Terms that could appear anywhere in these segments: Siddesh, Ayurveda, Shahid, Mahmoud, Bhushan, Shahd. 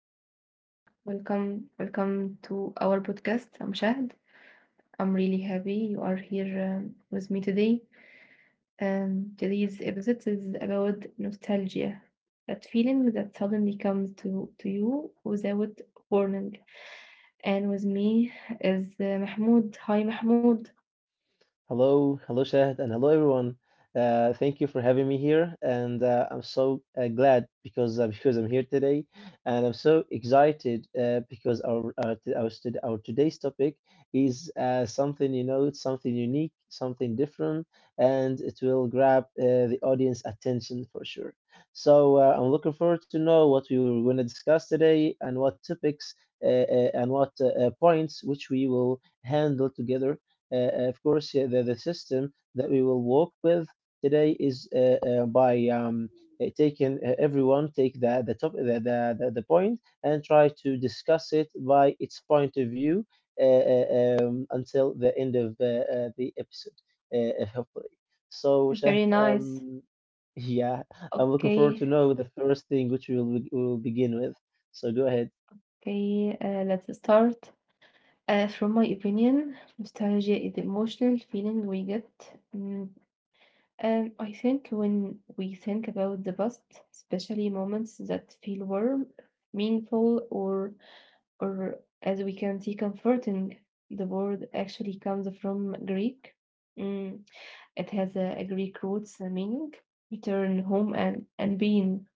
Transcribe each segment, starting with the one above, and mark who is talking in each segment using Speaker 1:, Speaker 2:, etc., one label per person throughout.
Speaker 1: Hi everyone, welcome to our podcast. I'm Shahd. I'm really happy you are here with me today. Today's episode is about nostalgia, that feeling that suddenly comes to you without warning. And with me is Mahmoud. Hi Mahmoud.
Speaker 2: Hello, hello, Shahid, and hello, everyone. Thank you for having me here, and I'm so glad because because I'm here today, and I'm so excited because our, t- our, stud- our today's topic is something something unique, something different, and it will grab the audience attention for sure. So I'm looking forward to know what we were going to discuss today and what topics and what points which we will handle together, of course. The system that we will work with today is by taking, everyone take the, top, the point and try to discuss it by its point of view until the end of the episode, hopefully. So, Shaht,
Speaker 1: Very nice.
Speaker 2: yeah, I'm looking forward
Speaker 1: Okay,
Speaker 2: to know the first thing which we will begin with. So go ahead.
Speaker 1: okay. Let's start. From my opinion, nostalgia is the emotional feeling we get. mm, I think when we think about the past, especially moments that feel warm, meaningful, or or as we can see, comforting. The word actually comes from Greek. Mm, it has a Greek roots meaning return home and being.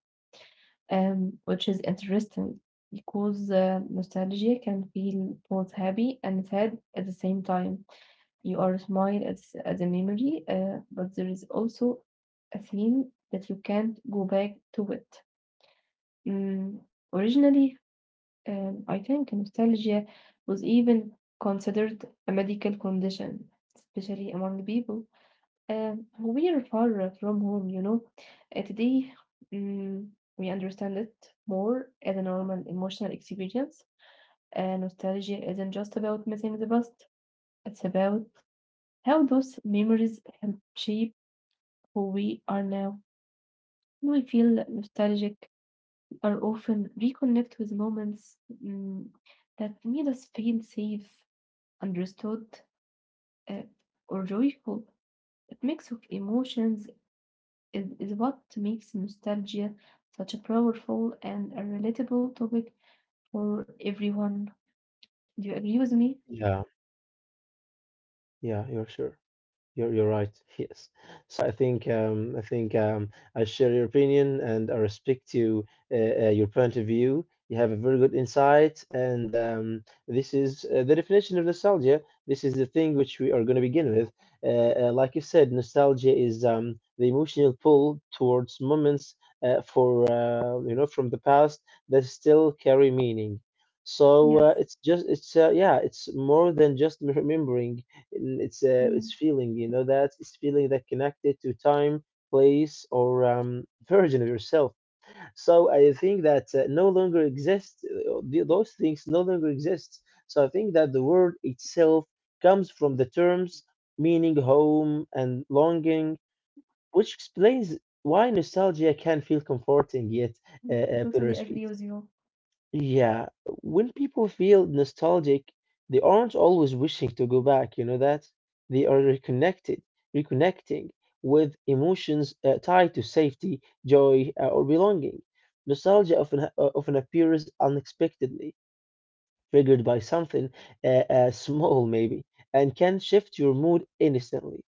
Speaker 1: Which is interesting because nostalgia can feel both happy and sad at the same time. You are smile at the memory, but there is also a feeling that you can't go back to it. Mm, Originally, I think nostalgia was even considered a medical condition, especially among people. We are far from home. Today, mm, we understand it more as a normal emotional experience. Nostalgia isn't just about missing the past, it's about how those memories help shape who we are now. When we feel nostalgic, we are often reconnect with moments mm, that made us feel safe, understood, uh, or joyful. A mix of emotions is what makes nostalgia such a powerful and a relatable topic for everyone. Do you agree with me?
Speaker 2: Yeah, yeah, you're sure. You're right. Yes. So I think I share your opinion and I respect your point of view. You have a very good insight, and this is the definition of nostalgia. This is the thing which we are going to begin with. Like you said, nostalgia is the emotional pull towards moments for you know, from the past that still carry meaning. So it's
Speaker 1: Yes.
Speaker 2: just it's yeah, it's more than just remembering, and it's a it's
Speaker 1: Mm.
Speaker 2: feeling, you know, that it's feeling that connected to time, place, or version of yourself so I think that no longer exists. Those things no longer exist, so I think that the word itself comes from the terms meaning home and longing, which explains why nostalgia can feel comforting yet bittersweet.
Speaker 1: Totally agree with you.
Speaker 2: Yeah, when people feel nostalgic, they aren't always wishing to go back, you know that? They are reconnected, reconnecting with emotions tied to safety, joy, or belonging. Nostalgia often appears unexpectedly, triggered by something small maybe, and can shift your mood instantly.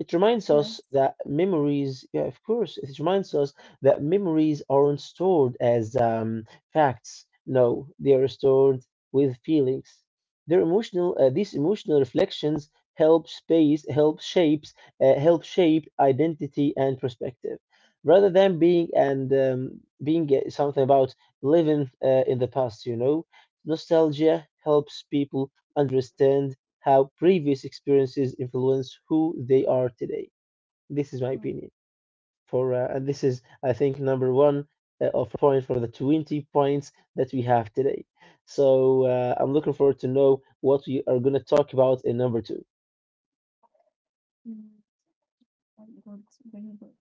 Speaker 2: It reminds us
Speaker 1: Yes.
Speaker 2: that memories, yeah, of course, it reminds us that memories aren't stored as facts. No, they are stored with feelings. These emotional reflections help space, help shapes, help shape identity and perspective, rather than being something about living in the past. You know, nostalgia helps people understand how previous experiences influence who they are today. This is my
Speaker 1: Mm,
Speaker 2: opinion. For and this is, I think, number one of point for the 20 points that we have today. So I'm looking forward to know what we are going to talk about in number two.
Speaker 1: mm, Very good. Very good.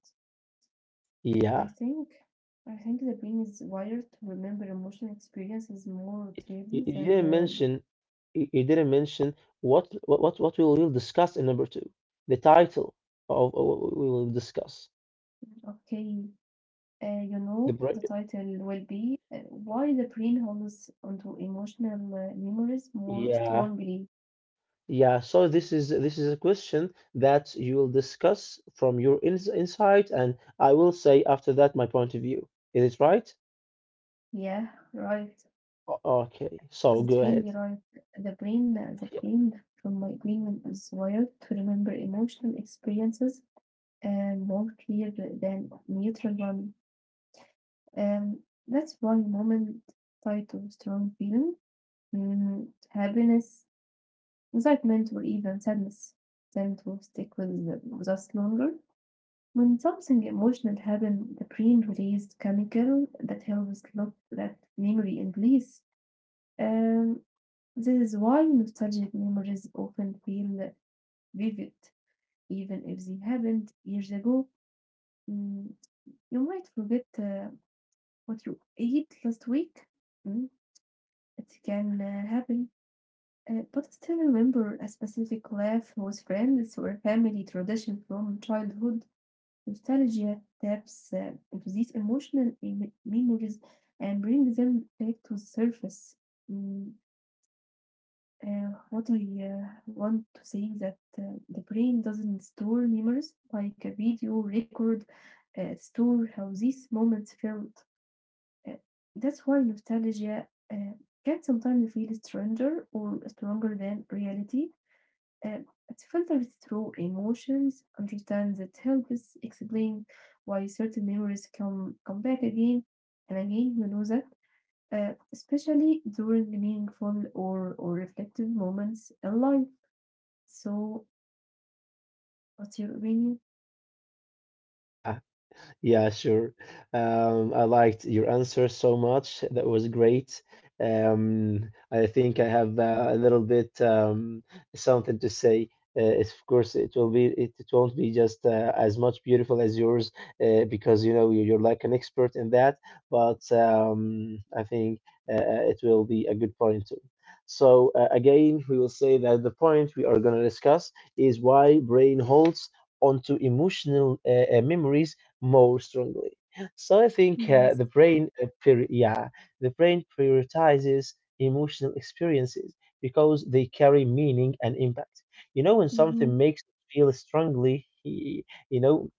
Speaker 1: Uh, I
Speaker 2: Yeah,
Speaker 1: think I think the brain is wired to remember emotional experiences more
Speaker 2: you,
Speaker 1: clearly
Speaker 2: you didn't
Speaker 1: than
Speaker 2: mention, you didn't mention what we will discuss in number two. The title of what we will discuss
Speaker 1: okay.
Speaker 2: the
Speaker 1: The
Speaker 2: break.
Speaker 1: title will be Why the Brain Holds Onto Emotional Memories More
Speaker 2: Yeah,
Speaker 1: Strongly.
Speaker 2: yeah, so this is a question that you will discuss from your insight, and I will say after that my point of view. Is it right?
Speaker 1: Yeah, right.
Speaker 2: O- Okay, so go ahead.
Speaker 1: Extremely right. The brain from my migraine is wired to remember emotional experiences and more clear than neutral one. Um, that's one moment tied to strong feeling, happiness, excitement, or even sadness tend to stick with us longer. When something emotional happens, the brain released chemical that helps lock that memory in place. Um, This is why nostalgic memories often feel vivid, even if they happened years ago. Mm, you might forget what you ate last week. Mm, it can happen. But still remember a specific laugh with friends or family tradition from childhood. Nostalgia taps into these emotional memories and brings them back to the surface. Mm, what I want to say is that the brain doesn't store memories like a video record store how these moments felt. Uh, that's why nostalgia can sometimes feel stranger or stronger than reality. Uh, it filters through emotions, understands that helps explain why certain memories come back again and again. You know that, especially during meaningful or reflective moments in life. So what you read,
Speaker 2: Yeah. Yeah, sure. I liked your answer so much. That was great. I think I have a little bit something to say. It's- of course, it will be it won't be just as much beautiful as yours because you know you're like an expert in that. But I think it will be a good point too. So again, we will say that the point we are going to discuss is why brain holds onto emotional memories more strongly. So I think
Speaker 1: Yes.
Speaker 2: yeah, the brain prioritizes emotional experiences because they carry meaning and impact. You know, when
Speaker 1: Mm-hmm.
Speaker 2: something makes us feel strongly, you know,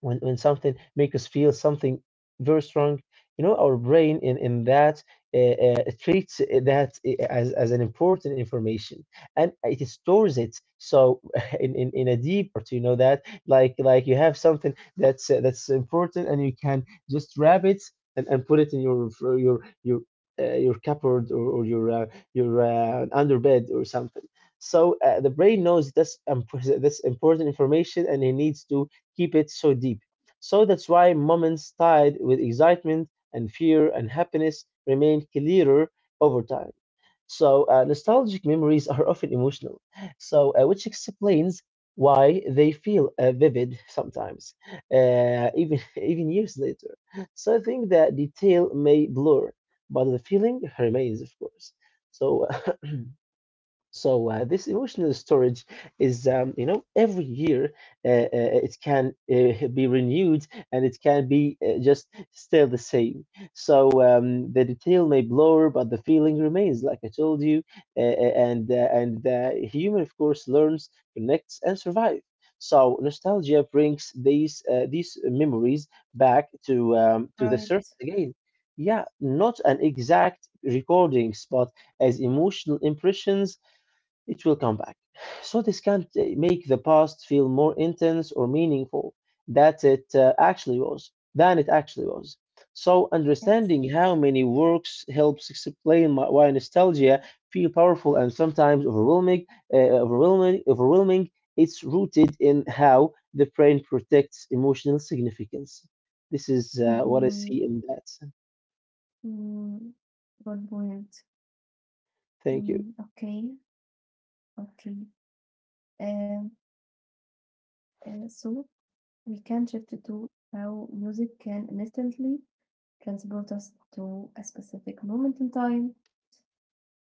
Speaker 2: when something make us feel something very strong, you know, our brain in that uh, treats that as an important information, and it stores it so in a deep part, you know, that like you have something that's important and you can just wrap it and, put it in your your cupboard or your under bed or something. So the brain knows that's that's important information and it needs to keep it so deep. So that's why moments tied with excitement and fear and happiness remain clearer over time. So nostalgic memories are often emotional, so which explains why they feel vivid sometimes, even even years later. So I think that detail may blur, but the feeling remains, of course. So so this emotional storage is, you know, every year it can be renewed and it can be just still the same. So the detail may blur, but the feeling remains, like I told you. And the human, of course, learns, connects, and survives. So nostalgia brings these memories back to the
Speaker 1: Right?
Speaker 2: surface again. Yeah, not an exact recordings, but as emotional impressions it will come back. So this can make the past feel more intense or meaningful that it actually was than it actually was. So
Speaker 1: Yes.
Speaker 2: understanding how many works helps explain why nostalgia feel powerful and sometimes overwhelming, uh, overwhelming. It's rooted in how the brain protects emotional significance. This is what I see
Speaker 1: Mm-hmm.
Speaker 2: in that.
Speaker 1: Mm, Good point.
Speaker 2: Thank you.
Speaker 1: Mm, okay, okay. Um, so we can shift to how music can instantly transport us to a specific moment in time.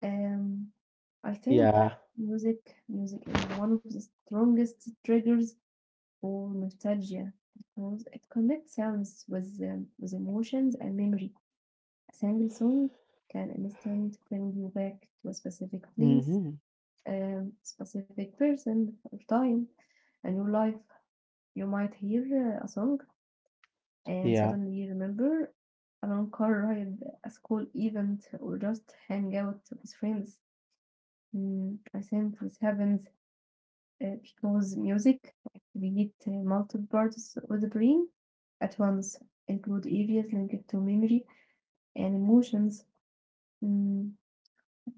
Speaker 1: Um, I
Speaker 2: Yeah.
Speaker 1: think music, music is one of the strongest triggers for nostalgia because it connects sounds with emotions and memory. A single song can instantly bring you back to a specific place,
Speaker 2: Hmm.
Speaker 1: a specific person, or time in your life. You might hear a song and
Speaker 2: Yeah.
Speaker 1: suddenly remember a long car ride, a school event, or just hang out with friends. I think this happens because music activates multiple parts of the brain at once, include areas linked to memory and emotions. Mm,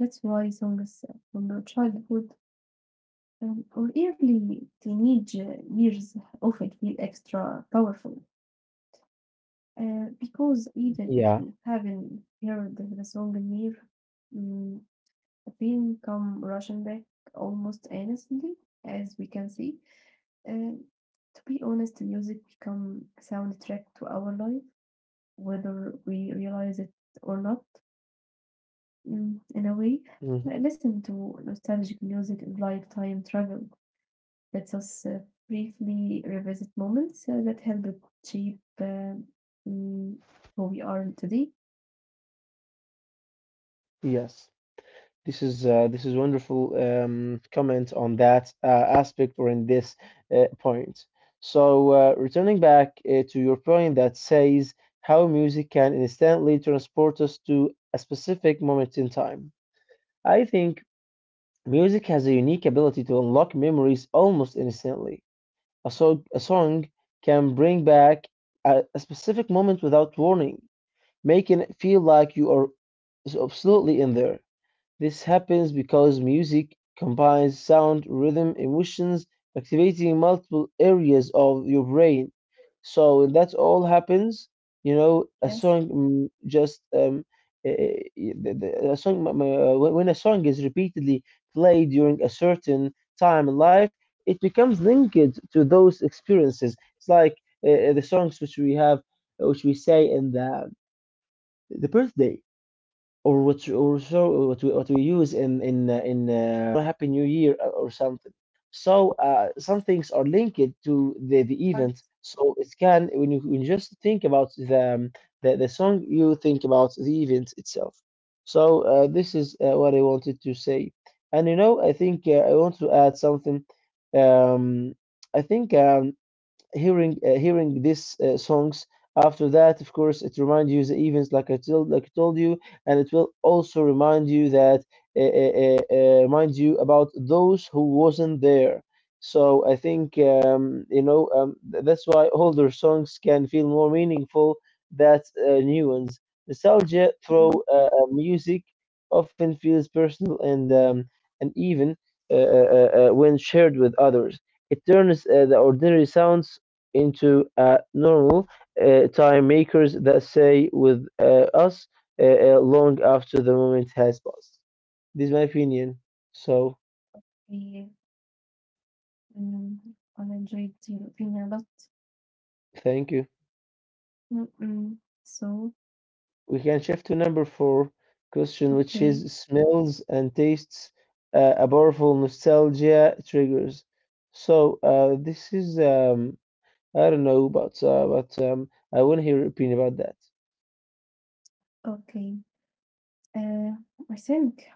Speaker 1: That's why songs from your childhood or early teenage years often feel extra powerful. Because even if
Speaker 2: Yeah.
Speaker 1: you haven't heard the song in years, mm, the feeling come rushing back almost innocently, as we can see. Uh, to be honest, music become a soundtrack to our life, whether we realize it or not. In a way,
Speaker 2: Hmm.
Speaker 1: listen to nostalgic music is like time travel. Let us briefly revisit moments that help achieve mm, who we are today.
Speaker 2: Yes. This is wonderful comment on that aspect or in this point. So returning back to your point that says how music can instantly transport us to a specific moment in time. I think music has a unique ability to unlock memories almost instantly. A song can bring back a specific moment without warning, making it feel like you are is absolutely in there. This happens because music combines sound, rhythm, emotions, activating multiple areas of your brain. So when that all happens, you know, a
Speaker 1: Yes,
Speaker 2: song mm, just eh, the, a song when a song is repeatedly played during a certain time in life, it becomes linked to those experiences. It's like the songs which we have, which we say in the birthday or what or so what we use in Happy New Year or something. So some things are linked to the
Speaker 1: part
Speaker 2: event. So it can when you just think about the, the song, you think about the event itself. So this is what I wanted to say. And you know, I think I want to add something. Um, I think hearing hearing these songs after that, of course it reminds you the events like I told you, and it will also remind you that uh, uh, remind you about those who wasn't there. So I think you know, that's why older songs can feel more meaningful than new ones. Nostalgia through
Speaker 1: two.
Speaker 2: music often feels personal and even when shared with others, it turns the ordinary sounds into a normal time makers that stay with us uh, long after the moment has passed. This is my opinion. So,
Speaker 1: We um, I enjoyed your opinion a lot.
Speaker 2: thank you.
Speaker 1: Mm-mm. So,
Speaker 2: We can shift to number four question, which
Speaker 1: okay,
Speaker 2: is smells and tastes, a powerful nostalgia triggers. So, this is I don't know, but I want to hear your opinion about that.
Speaker 1: okay. Uh, I think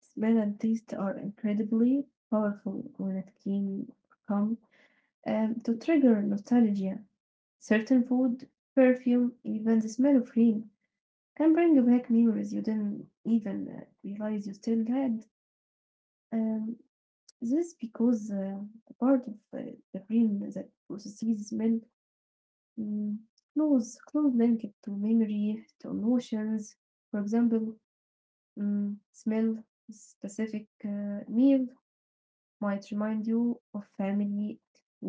Speaker 1: smell and taste are incredibly powerful when it came come to trigger nostalgia. Certain food, perfume, even the smell of rain can bring back memories you didn't even realize you still had. Um, this because the part of the brain that processes smell mm, knows close linked to memory, to emotions. For example, smell specific meal might remind you of family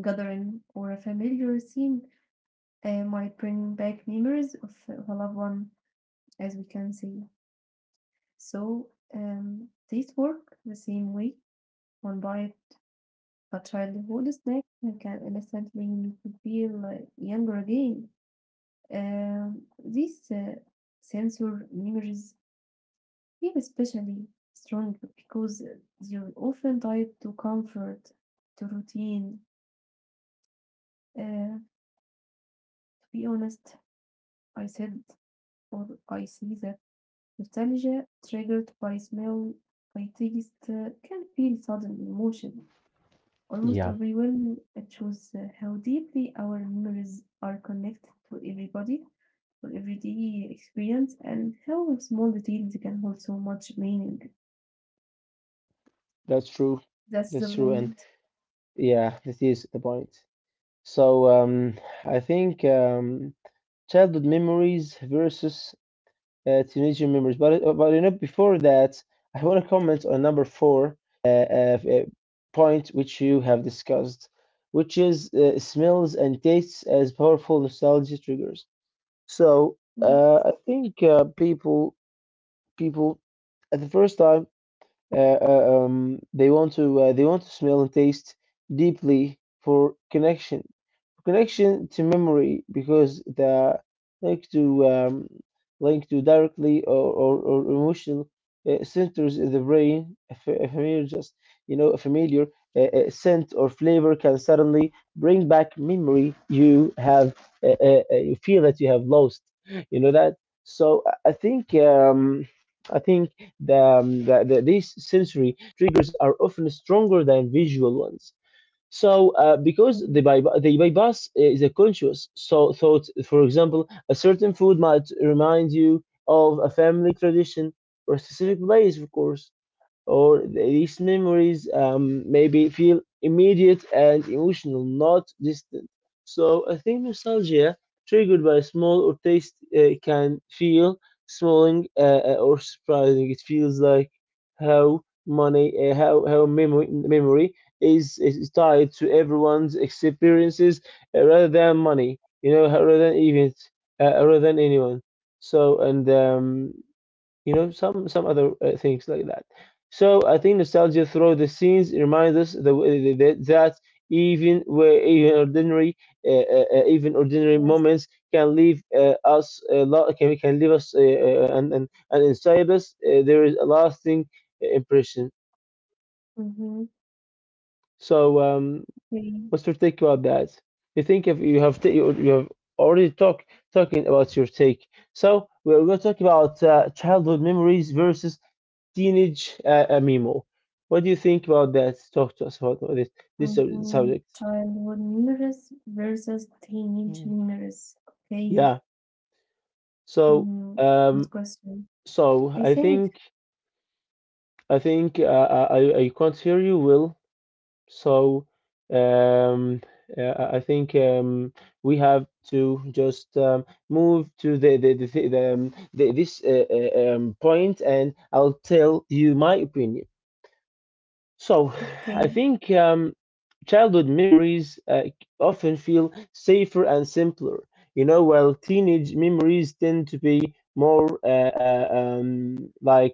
Speaker 1: gathering or a familiar scene might bring back memories of a loved one, as we can see. So these work the same way. One buys a childhood snack and can instantly make you feel younger again. These sensor memories feel especially strong because they're often tied to comfort, to routine. Uh, to be honest, I said or I see that nostalgia triggered by smell, by taste, can feel sudden emotion. Almost
Speaker 2: Yeah.
Speaker 1: everyone shows how deeply our memories are connected to everybody or everyday experience and how small details can hold so much meaning.
Speaker 2: That's true.
Speaker 1: That's
Speaker 2: That's
Speaker 1: the
Speaker 2: true, and
Speaker 1: point.
Speaker 2: yeah, that is the point. So I think childhood memories versus teenager memories. But you know, before that, I want to comment on number four uh, uh, uh, point which you have discussed, which is smells and tastes as powerful nostalgia triggers. So
Speaker 1: Yes.
Speaker 2: I think people at the first time they want to smell and taste deeply for connection, connection to memory because the like to link to directly or, or emotional centers in the brain. A familiar just you know a familiar scent or flavor can suddenly bring back memory you have you feel that you have lost. You know that. So I think I think the these sensory triggers are often stronger than visual ones. So, because
Speaker 1: True.
Speaker 2: the bypass is a conscious so thought, for example, a certain food might remind you of a family tradition or a specific place, of course, or these memories maybe feel immediate and emotional, not distant. So I think nostalgia triggered by a small or taste can feel smalling or surprising. It feels like how money, how memory memory is tied to everyone's experiences rather than money, rather than events, rather than anyone. So and Some other things like that. So I think nostalgia through the scenes reminds us that even where even ordinary
Speaker 1: Yes.
Speaker 2: moments can leave us a lot can leave us and inside us there is a lasting impression.
Speaker 1: Mm-hmm.
Speaker 2: so um What's your take about that? You think if you have t- you have already talking about your take. So we're going to talk about childhood memories versus teenage memo. What do you think about that? Talk to us about this this sub-
Speaker 1: Mm-hmm.
Speaker 2: subject.
Speaker 1: Childhood memories versus teenage
Speaker 2: Mm.
Speaker 1: memories. Okay.
Speaker 2: Yeah. So
Speaker 1: Mhm. Good
Speaker 2: um
Speaker 1: question.
Speaker 2: so
Speaker 1: I
Speaker 2: I
Speaker 1: think,
Speaker 2: think I think I can't hear you, Will. So um, I think, we have to just move to the, thi- the this point, and I'll tell you my opinion. So I
Speaker 1: okay,
Speaker 2: think, childhood memories often feel safer and simpler. You know, while teenage memories tend to be more like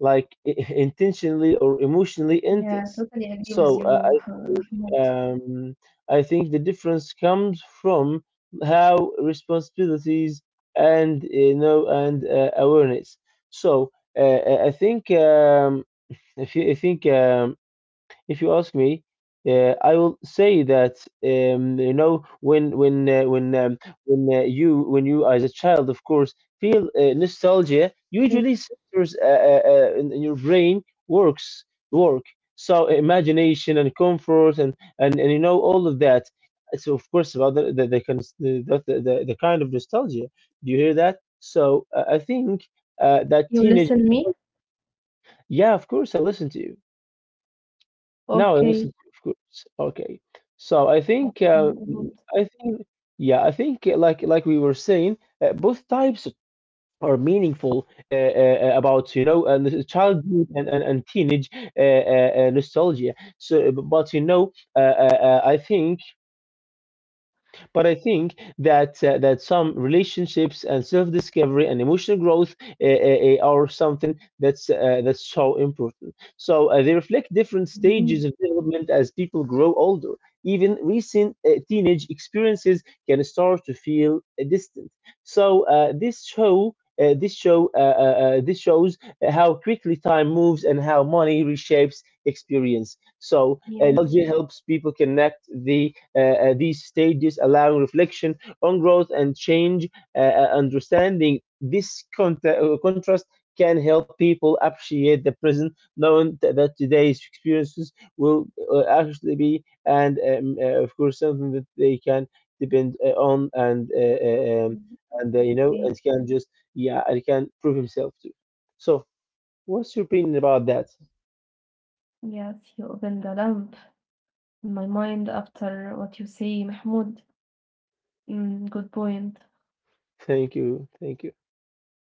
Speaker 2: intentionally or emotionally
Speaker 1: yeah,
Speaker 2: intense.
Speaker 1: totally agree with
Speaker 2: So
Speaker 1: you,
Speaker 2: I think,
Speaker 1: Mahmoud.
Speaker 2: um, the difference comes from how responsibilities and you know and awareness. So I think if you, I think if you ask me, I will say that, when you when you as a child, of course, feel nostalgia.
Speaker 1: Okay.
Speaker 2: Usually, centers in your brain works work. So imagination and comfort and all of that. So of course about the kind of nostalgia. Do you hear that? So, I think, that
Speaker 1: You
Speaker 2: teenage.
Speaker 1: listen me?
Speaker 2: Yeah, of course, I listen to you. Now,
Speaker 1: Okay.
Speaker 2: listen, of course. Okay. So I think,
Speaker 1: Okay, good.
Speaker 2: I think, yeah, I think, like we were saying, both types are meaningful about and the childhood and teenage nostalgia. So, b- but you know, I think but I think that that some relationships and self-discovery and emotional growth are something that's so important. So they reflect different stages
Speaker 1: Mhm.
Speaker 2: of development as people grow older. Even recent teenage experiences can start to feel distant. So this show. This show this shows how quickly time moves and how money reshapes experience. So,
Speaker 1: Yes.
Speaker 2: nostalgia helps people connect the these stages, allowing reflection on growth and change. Understanding this contrast can help people appreciate the present, knowing that today's experiences will actually be, and, of course, something that they can depend on,
Speaker 1: Mhm.
Speaker 2: and you know, and
Speaker 1: Okay.
Speaker 2: can prove himself to. So, what's your opinion about that?
Speaker 1: Yes, you opened the lamp in my mind after what you say, Mahmoud. Good point.
Speaker 2: Thank you, thank you.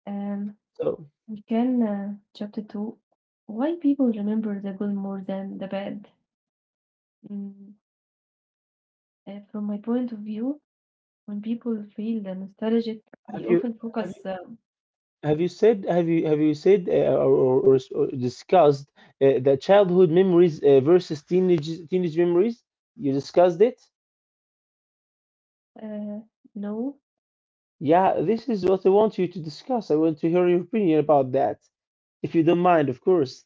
Speaker 1: Um,
Speaker 2: So,
Speaker 1: we can chapter two. Why people remember the good more than the bad? Mm, from my point of view, when people feel the nostalgic,
Speaker 2: have
Speaker 1: they
Speaker 2: you
Speaker 1: often
Speaker 2: have
Speaker 1: focus.
Speaker 2: have you said have you said or discussed the childhood memories versus teenage memories? You discussed it?
Speaker 1: Uh, no,
Speaker 2: Yeah, this is what I want you to discuss. I want to hear your opinion about that, if you don't mind, of course.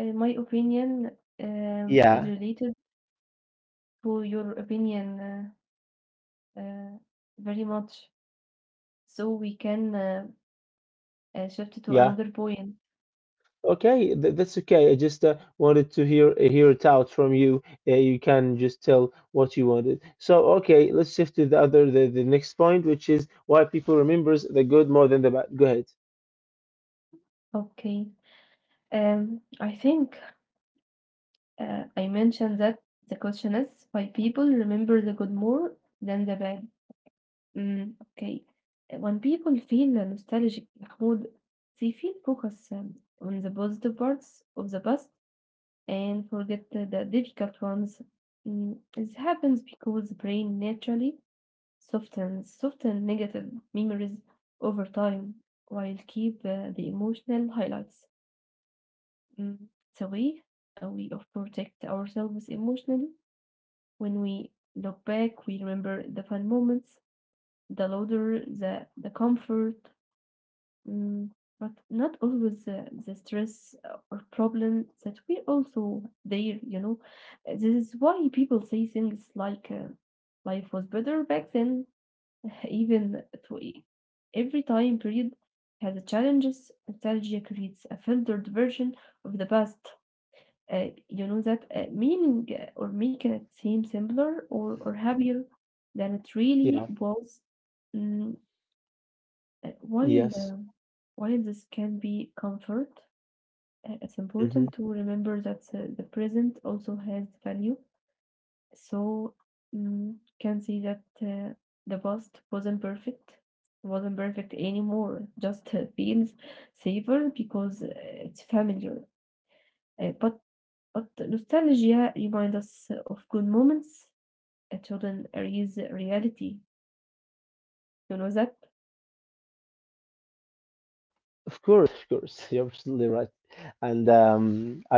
Speaker 1: my opinion is
Speaker 2: Yeah,
Speaker 1: related to your opinion uh, uh, very much. So we can shift to
Speaker 2: yeah.
Speaker 1: another point.
Speaker 2: Okay, th that's okay. I just wanted to hear it out from you. You can just tell what you wanted. So, okay, let's shift to the next point, which is why people remembers the good more than the bad. Go ahead.
Speaker 1: Okay. I think I mentioned that the question is why people remember the good more than the bad. Mm, okay. When people feel nostalgic, Mahmoud, they feel focused on the positive parts of the past and forget the difficult ones. This happens because the brain naturally softens negative memories over time while keep the emotional highlights. Mm, it's a way of protect ourselves emotionally. When we look back, we remember the fun moments, the laughter, the comfort, mm, but not always the stress or problem that we also there. You know, this is why people say things like "life was better back then," even to every time period has a challenges. Nostalgia creates a filtered version of the past you know that meaning or making it seem simpler or happier than it really
Speaker 2: Yeah.
Speaker 1: was. Mm, uh, while
Speaker 2: Yes.
Speaker 1: um while this can be comfort, it's
Speaker 2: Hmm.
Speaker 1: important to remember that the present also has value. So can see that the past wasn't perfect anymore. Just feels safer because it's familiar. Uh, but But nostalgia reminds us of good moments. Children erase reality. You know that?
Speaker 2: Of course, you're absolutely right, and,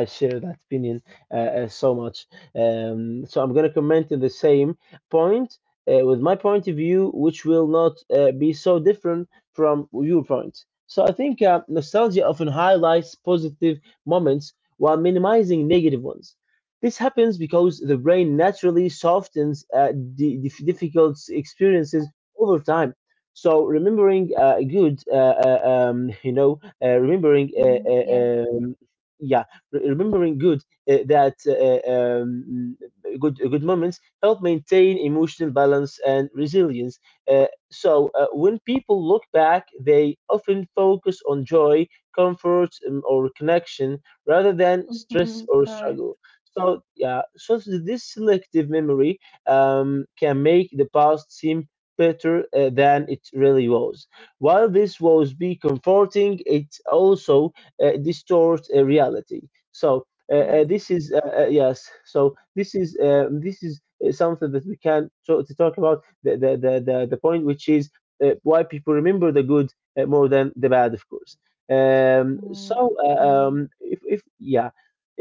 Speaker 2: I share that opinion so much. So I'm gonna comment on the same point with my point of view, which will not be so different from your point. So I think nostalgia often highlights positive moments while minimizing negative ones. This happens because the brain naturally softens di- difficult experiences over time. So remembering good, remembering,
Speaker 1: Mm, yes.
Speaker 2: yeah, re- remembering good that good good moments help maintain emotional balance and resilience. So when people look back, they often focus on joy, comfort, or connection rather than stress
Speaker 1: Hmm,
Speaker 2: or
Speaker 1: right.
Speaker 2: struggle. So, yeah, this selective memory can make the past seem better than it really was. While this was be comforting, it also distorts reality. So
Speaker 1: Yes.
Speaker 2: this is yes. So this is something that we can to talk about, the point which is, why people remember the good more than the bad, of course. Um,
Speaker 1: Mm,
Speaker 2: so uh,
Speaker 1: okay.
Speaker 2: um, if, if yeah,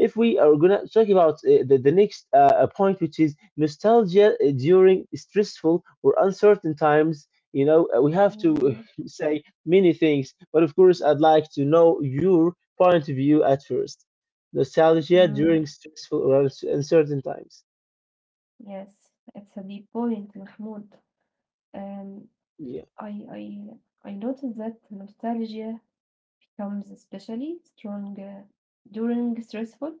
Speaker 2: if we are gonna talk about the next point, which is nostalgia during stressful or uncertain times. We have to
Speaker 1: Mm,
Speaker 2: say many things, but of course I'd like to know your point of view at first. Nostalgia
Speaker 1: mm,
Speaker 2: during stressful or uncertain times.
Speaker 1: yes. It's a deep point, Mahmoud. Um,
Speaker 2: Yeah.
Speaker 1: I I I noticed that nostalgia becomes especially strong during stressful,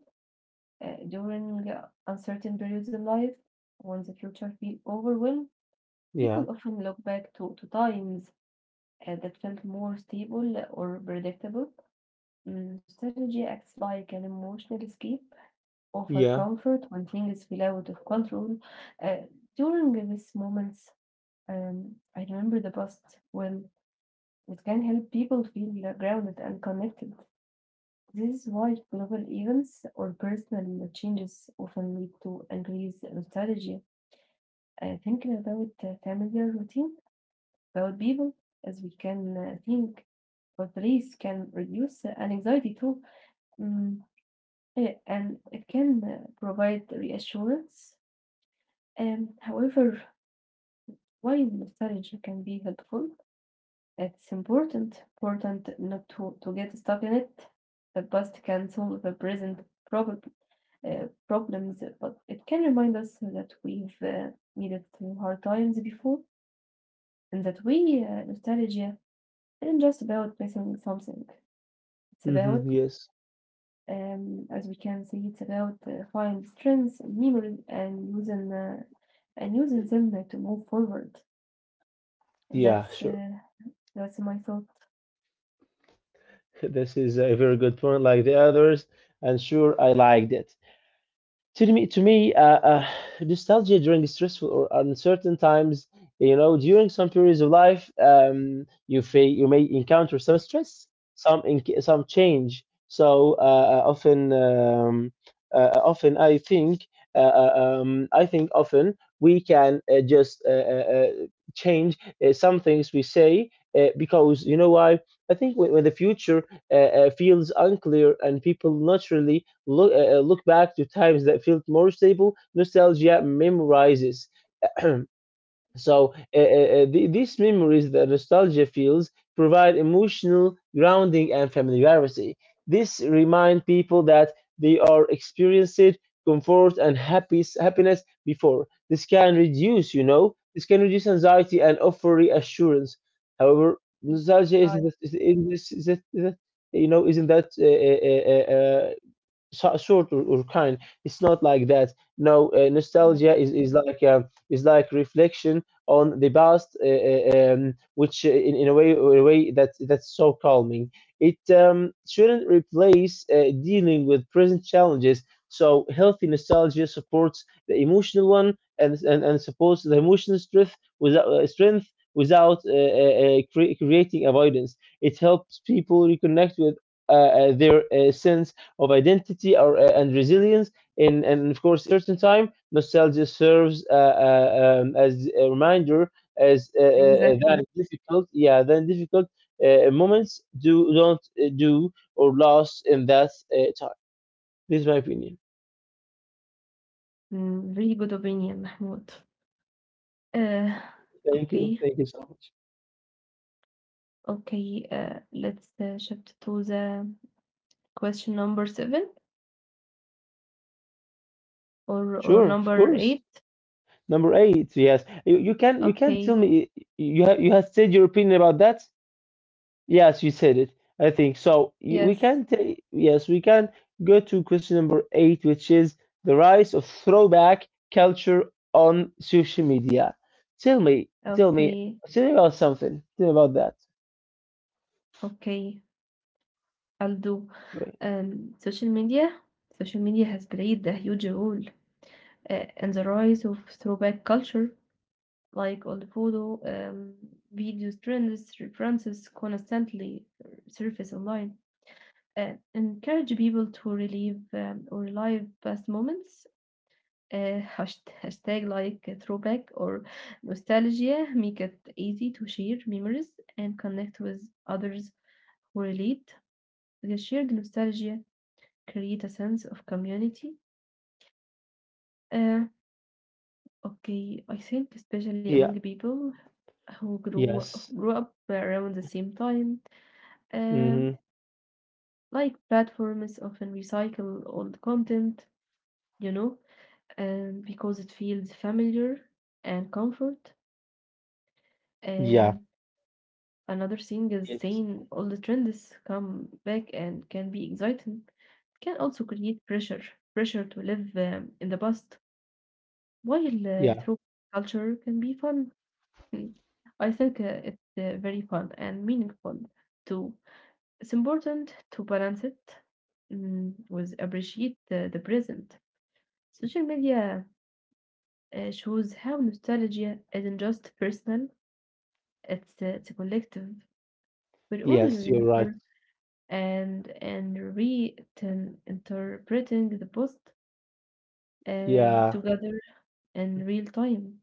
Speaker 1: during uncertain periods in life, when the future feels overwhelmed. People
Speaker 2: Yeah.
Speaker 1: often look back to times that felt more stable or predictable. Strategy acts like an emotional escape, offer
Speaker 2: Yeah.
Speaker 1: comfort when things feel out of control. Uh, During these moments, I remember the past well. It can help people feel grounded and connected. This is why global events or personal changes often lead to increased nostalgia. Thinking about familiar routines about people as we can think or threes can reduce an anxiety too. Mm, and it can provide reassurance and however while nostalgia can be helpful it's important not to get stuck in it. The past can solve the present prob- problems but it can remind us that we've needed through hard times before and that we nostalgia isn't just about missing something. It's about,
Speaker 2: Hmm. Yes.
Speaker 1: as we can see, it's about find strengths, and memory, and using them to move forward.
Speaker 2: Yeah.
Speaker 1: That's
Speaker 2: Sure.
Speaker 1: uh, that's my thought.
Speaker 2: This is a very good point like the others, and sure, I liked it. To me to me uh, uh, nostalgia during stressful or uncertain times, during some periods of life, you may encounter some stress, some change. So often, I think often we can just change some things we say, because, you know why, I think when the future feels unclear, and people naturally look back to times that felt more stable. Nostalgia memorizes, so these memories that nostalgia feels provide emotional grounding and familiarity. This remind people that they are experienced comfort and happiness before. This can reduce this can reduce anxiety and offer reassurance. However,
Speaker 1: Mm.
Speaker 2: nostalgia
Speaker 1: Right.
Speaker 2: that- isn't that sort or kind. It's not like that. No,
Speaker 1: Yes.
Speaker 2: nostalgia is like reflection on the past, which in a way that that's so calming. It shouldn't replace dealing with present challenges. So healthy nostalgia supports the emotional one and supports the emotional strength without creating avoidance. It helps people reconnect with their sense of identity and resilience. In, and of course, certain time, nostalgia serves as a reminder as that
Speaker 1: Exactly.
Speaker 2: difficult, yeah, then difficult moments do don't do or lost in that time. This is my opinion.
Speaker 1: Really good opinion, Mahmoud. Uh,
Speaker 2: Thank you.
Speaker 1: okay,
Speaker 2: Thank you so much.
Speaker 1: okay. Let's shift to the question number seven or
Speaker 2: Sure, of
Speaker 1: number eight.
Speaker 2: course. Number eight, yes. You can
Speaker 1: Okay,
Speaker 2: tell me, you have said your opinion about that. Yes, you said it. I think so. You-
Speaker 1: yes.
Speaker 2: We can take, yes, we can go to question number eight, which is the rise of throwback culture on social media. Tell me, tell me,
Speaker 1: Okay,
Speaker 2: tell me about something. Tell me about that.
Speaker 1: okay. I'll do.
Speaker 2: Go ahead.
Speaker 1: Social media. Social media has played a huge role in the rise of throwback culture, like old photo, video trends, references constantly surface online. Encourage people to relive past moments. Hashtag like throwback or nostalgia make it easy to share memories and connect with others correlate. The shared nostalgia create a sense of community. Uh, okay, I think especially among
Speaker 2: Yeah.
Speaker 1: people who grow
Speaker 2: Yes.
Speaker 1: grew up around the same time. Um,
Speaker 2: Mm-hmm.
Speaker 1: like platforms often recycle old content, you know, because it feels familiar and comfort.
Speaker 2: Yeah.
Speaker 1: Um, Another thing is
Speaker 2: Yes.
Speaker 1: saying all the trends come back and can be exciting. It can also create pressure to live in the past. While
Speaker 2: Yeah.
Speaker 1: through culture can be fun, Mm. I think it's very fun and meaningful too. It's important to balance it with appreciate the present. Social media shows how nostalgia isn't just personal; it's it's collective. We all
Speaker 2: Yes, you're right.
Speaker 1: remember and re-interpreting the post
Speaker 2: Yeah.
Speaker 1: together in real time.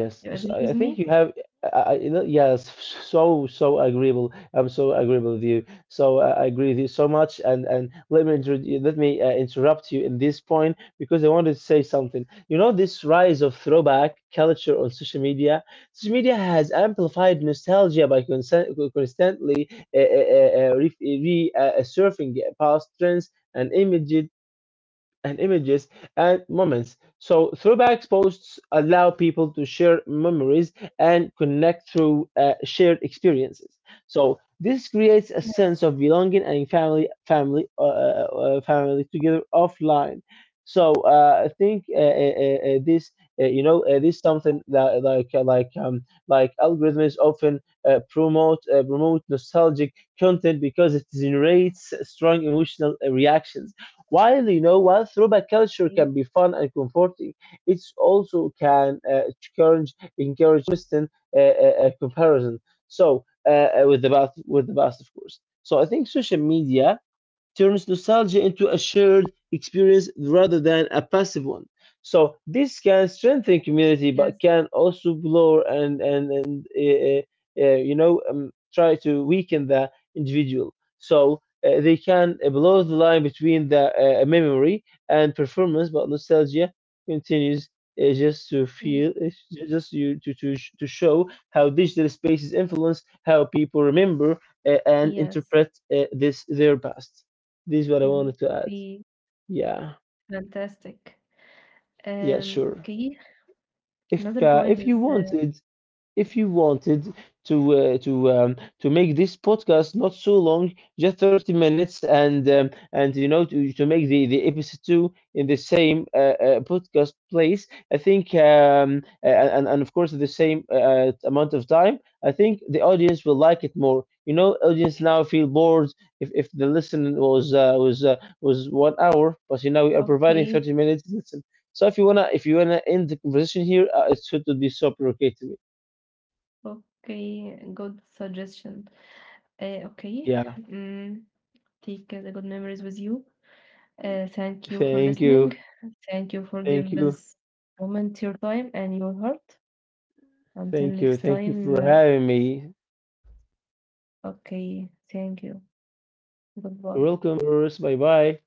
Speaker 2: Yes,
Speaker 1: You
Speaker 2: so
Speaker 1: agree
Speaker 2: I
Speaker 1: with
Speaker 2: I think
Speaker 1: me?
Speaker 2: you have. Yes, so agreeable. I'm so agreeable with you. So I agree with you so much. And let me interrupt you in this point, because I wanted to say something. You know, this rise of throwback culture on social media. Social media has amplified nostalgia by consent, constantly surfing past trends and images and images and moments. So throwbacks posts allow people to share memories and connect through shared experiences. So this creates a
Speaker 1: Yes.
Speaker 2: sense of belonging and family, together offline. So I think this something that like like algorithms often promote nostalgic content, because it generates strong emotional reactions. While, throwback culture
Speaker 1: Okay.
Speaker 2: can be fun and comforting, it also can encourage constant comparison. So, with the past, of course. So I think social media turns nostalgia into a shared experience rather than a passive one. So this can strengthen community,
Speaker 1: Yes.
Speaker 2: but can also blur and try to weaken the individual. So they can blur the line between the memory and performance, but nostalgia continues just to
Speaker 1: Mm,
Speaker 2: feel, just you to sh- to show how digital spaces influence how people remember and
Speaker 1: yes.
Speaker 2: interpret, this their past. This is what I
Speaker 1: Mm.
Speaker 2: wanted to add.
Speaker 1: Okay.
Speaker 2: Yeah,
Speaker 1: Fantastic.
Speaker 2: yeah, sure.
Speaker 1: Okay.
Speaker 2: If
Speaker 1: Another
Speaker 2: uh, if
Speaker 1: point
Speaker 2: you
Speaker 1: is
Speaker 2: wanted, If you wanted to uh, to um, to make this podcast not so long, just 30 minutes, and, and to make the episode two in the same podcast place, I think, and of course the same amount of time, I think the audience will like it more. You know, audience now feel bored if the listen was one hour, but you know we are providing
Speaker 1: okay.
Speaker 2: 30 minutes listen. So, if you wanna end the conversation here, it should be so provocative.
Speaker 1: Okay. Good suggestion. Okay.
Speaker 2: Yeah.
Speaker 1: Mm, Take the good memories with you. Thank you for
Speaker 2: Thank
Speaker 1: listening.
Speaker 2: you.
Speaker 1: Thank you for
Speaker 2: Thank
Speaker 1: giving
Speaker 2: you.
Speaker 1: this moment your time and your heart. Until
Speaker 2: Thank you.
Speaker 1: next
Speaker 2: Thank you
Speaker 1: time.
Speaker 2: for having me.
Speaker 1: Okay. Thank you. Goodbye.
Speaker 2: Welcome, Urs. Bye bye.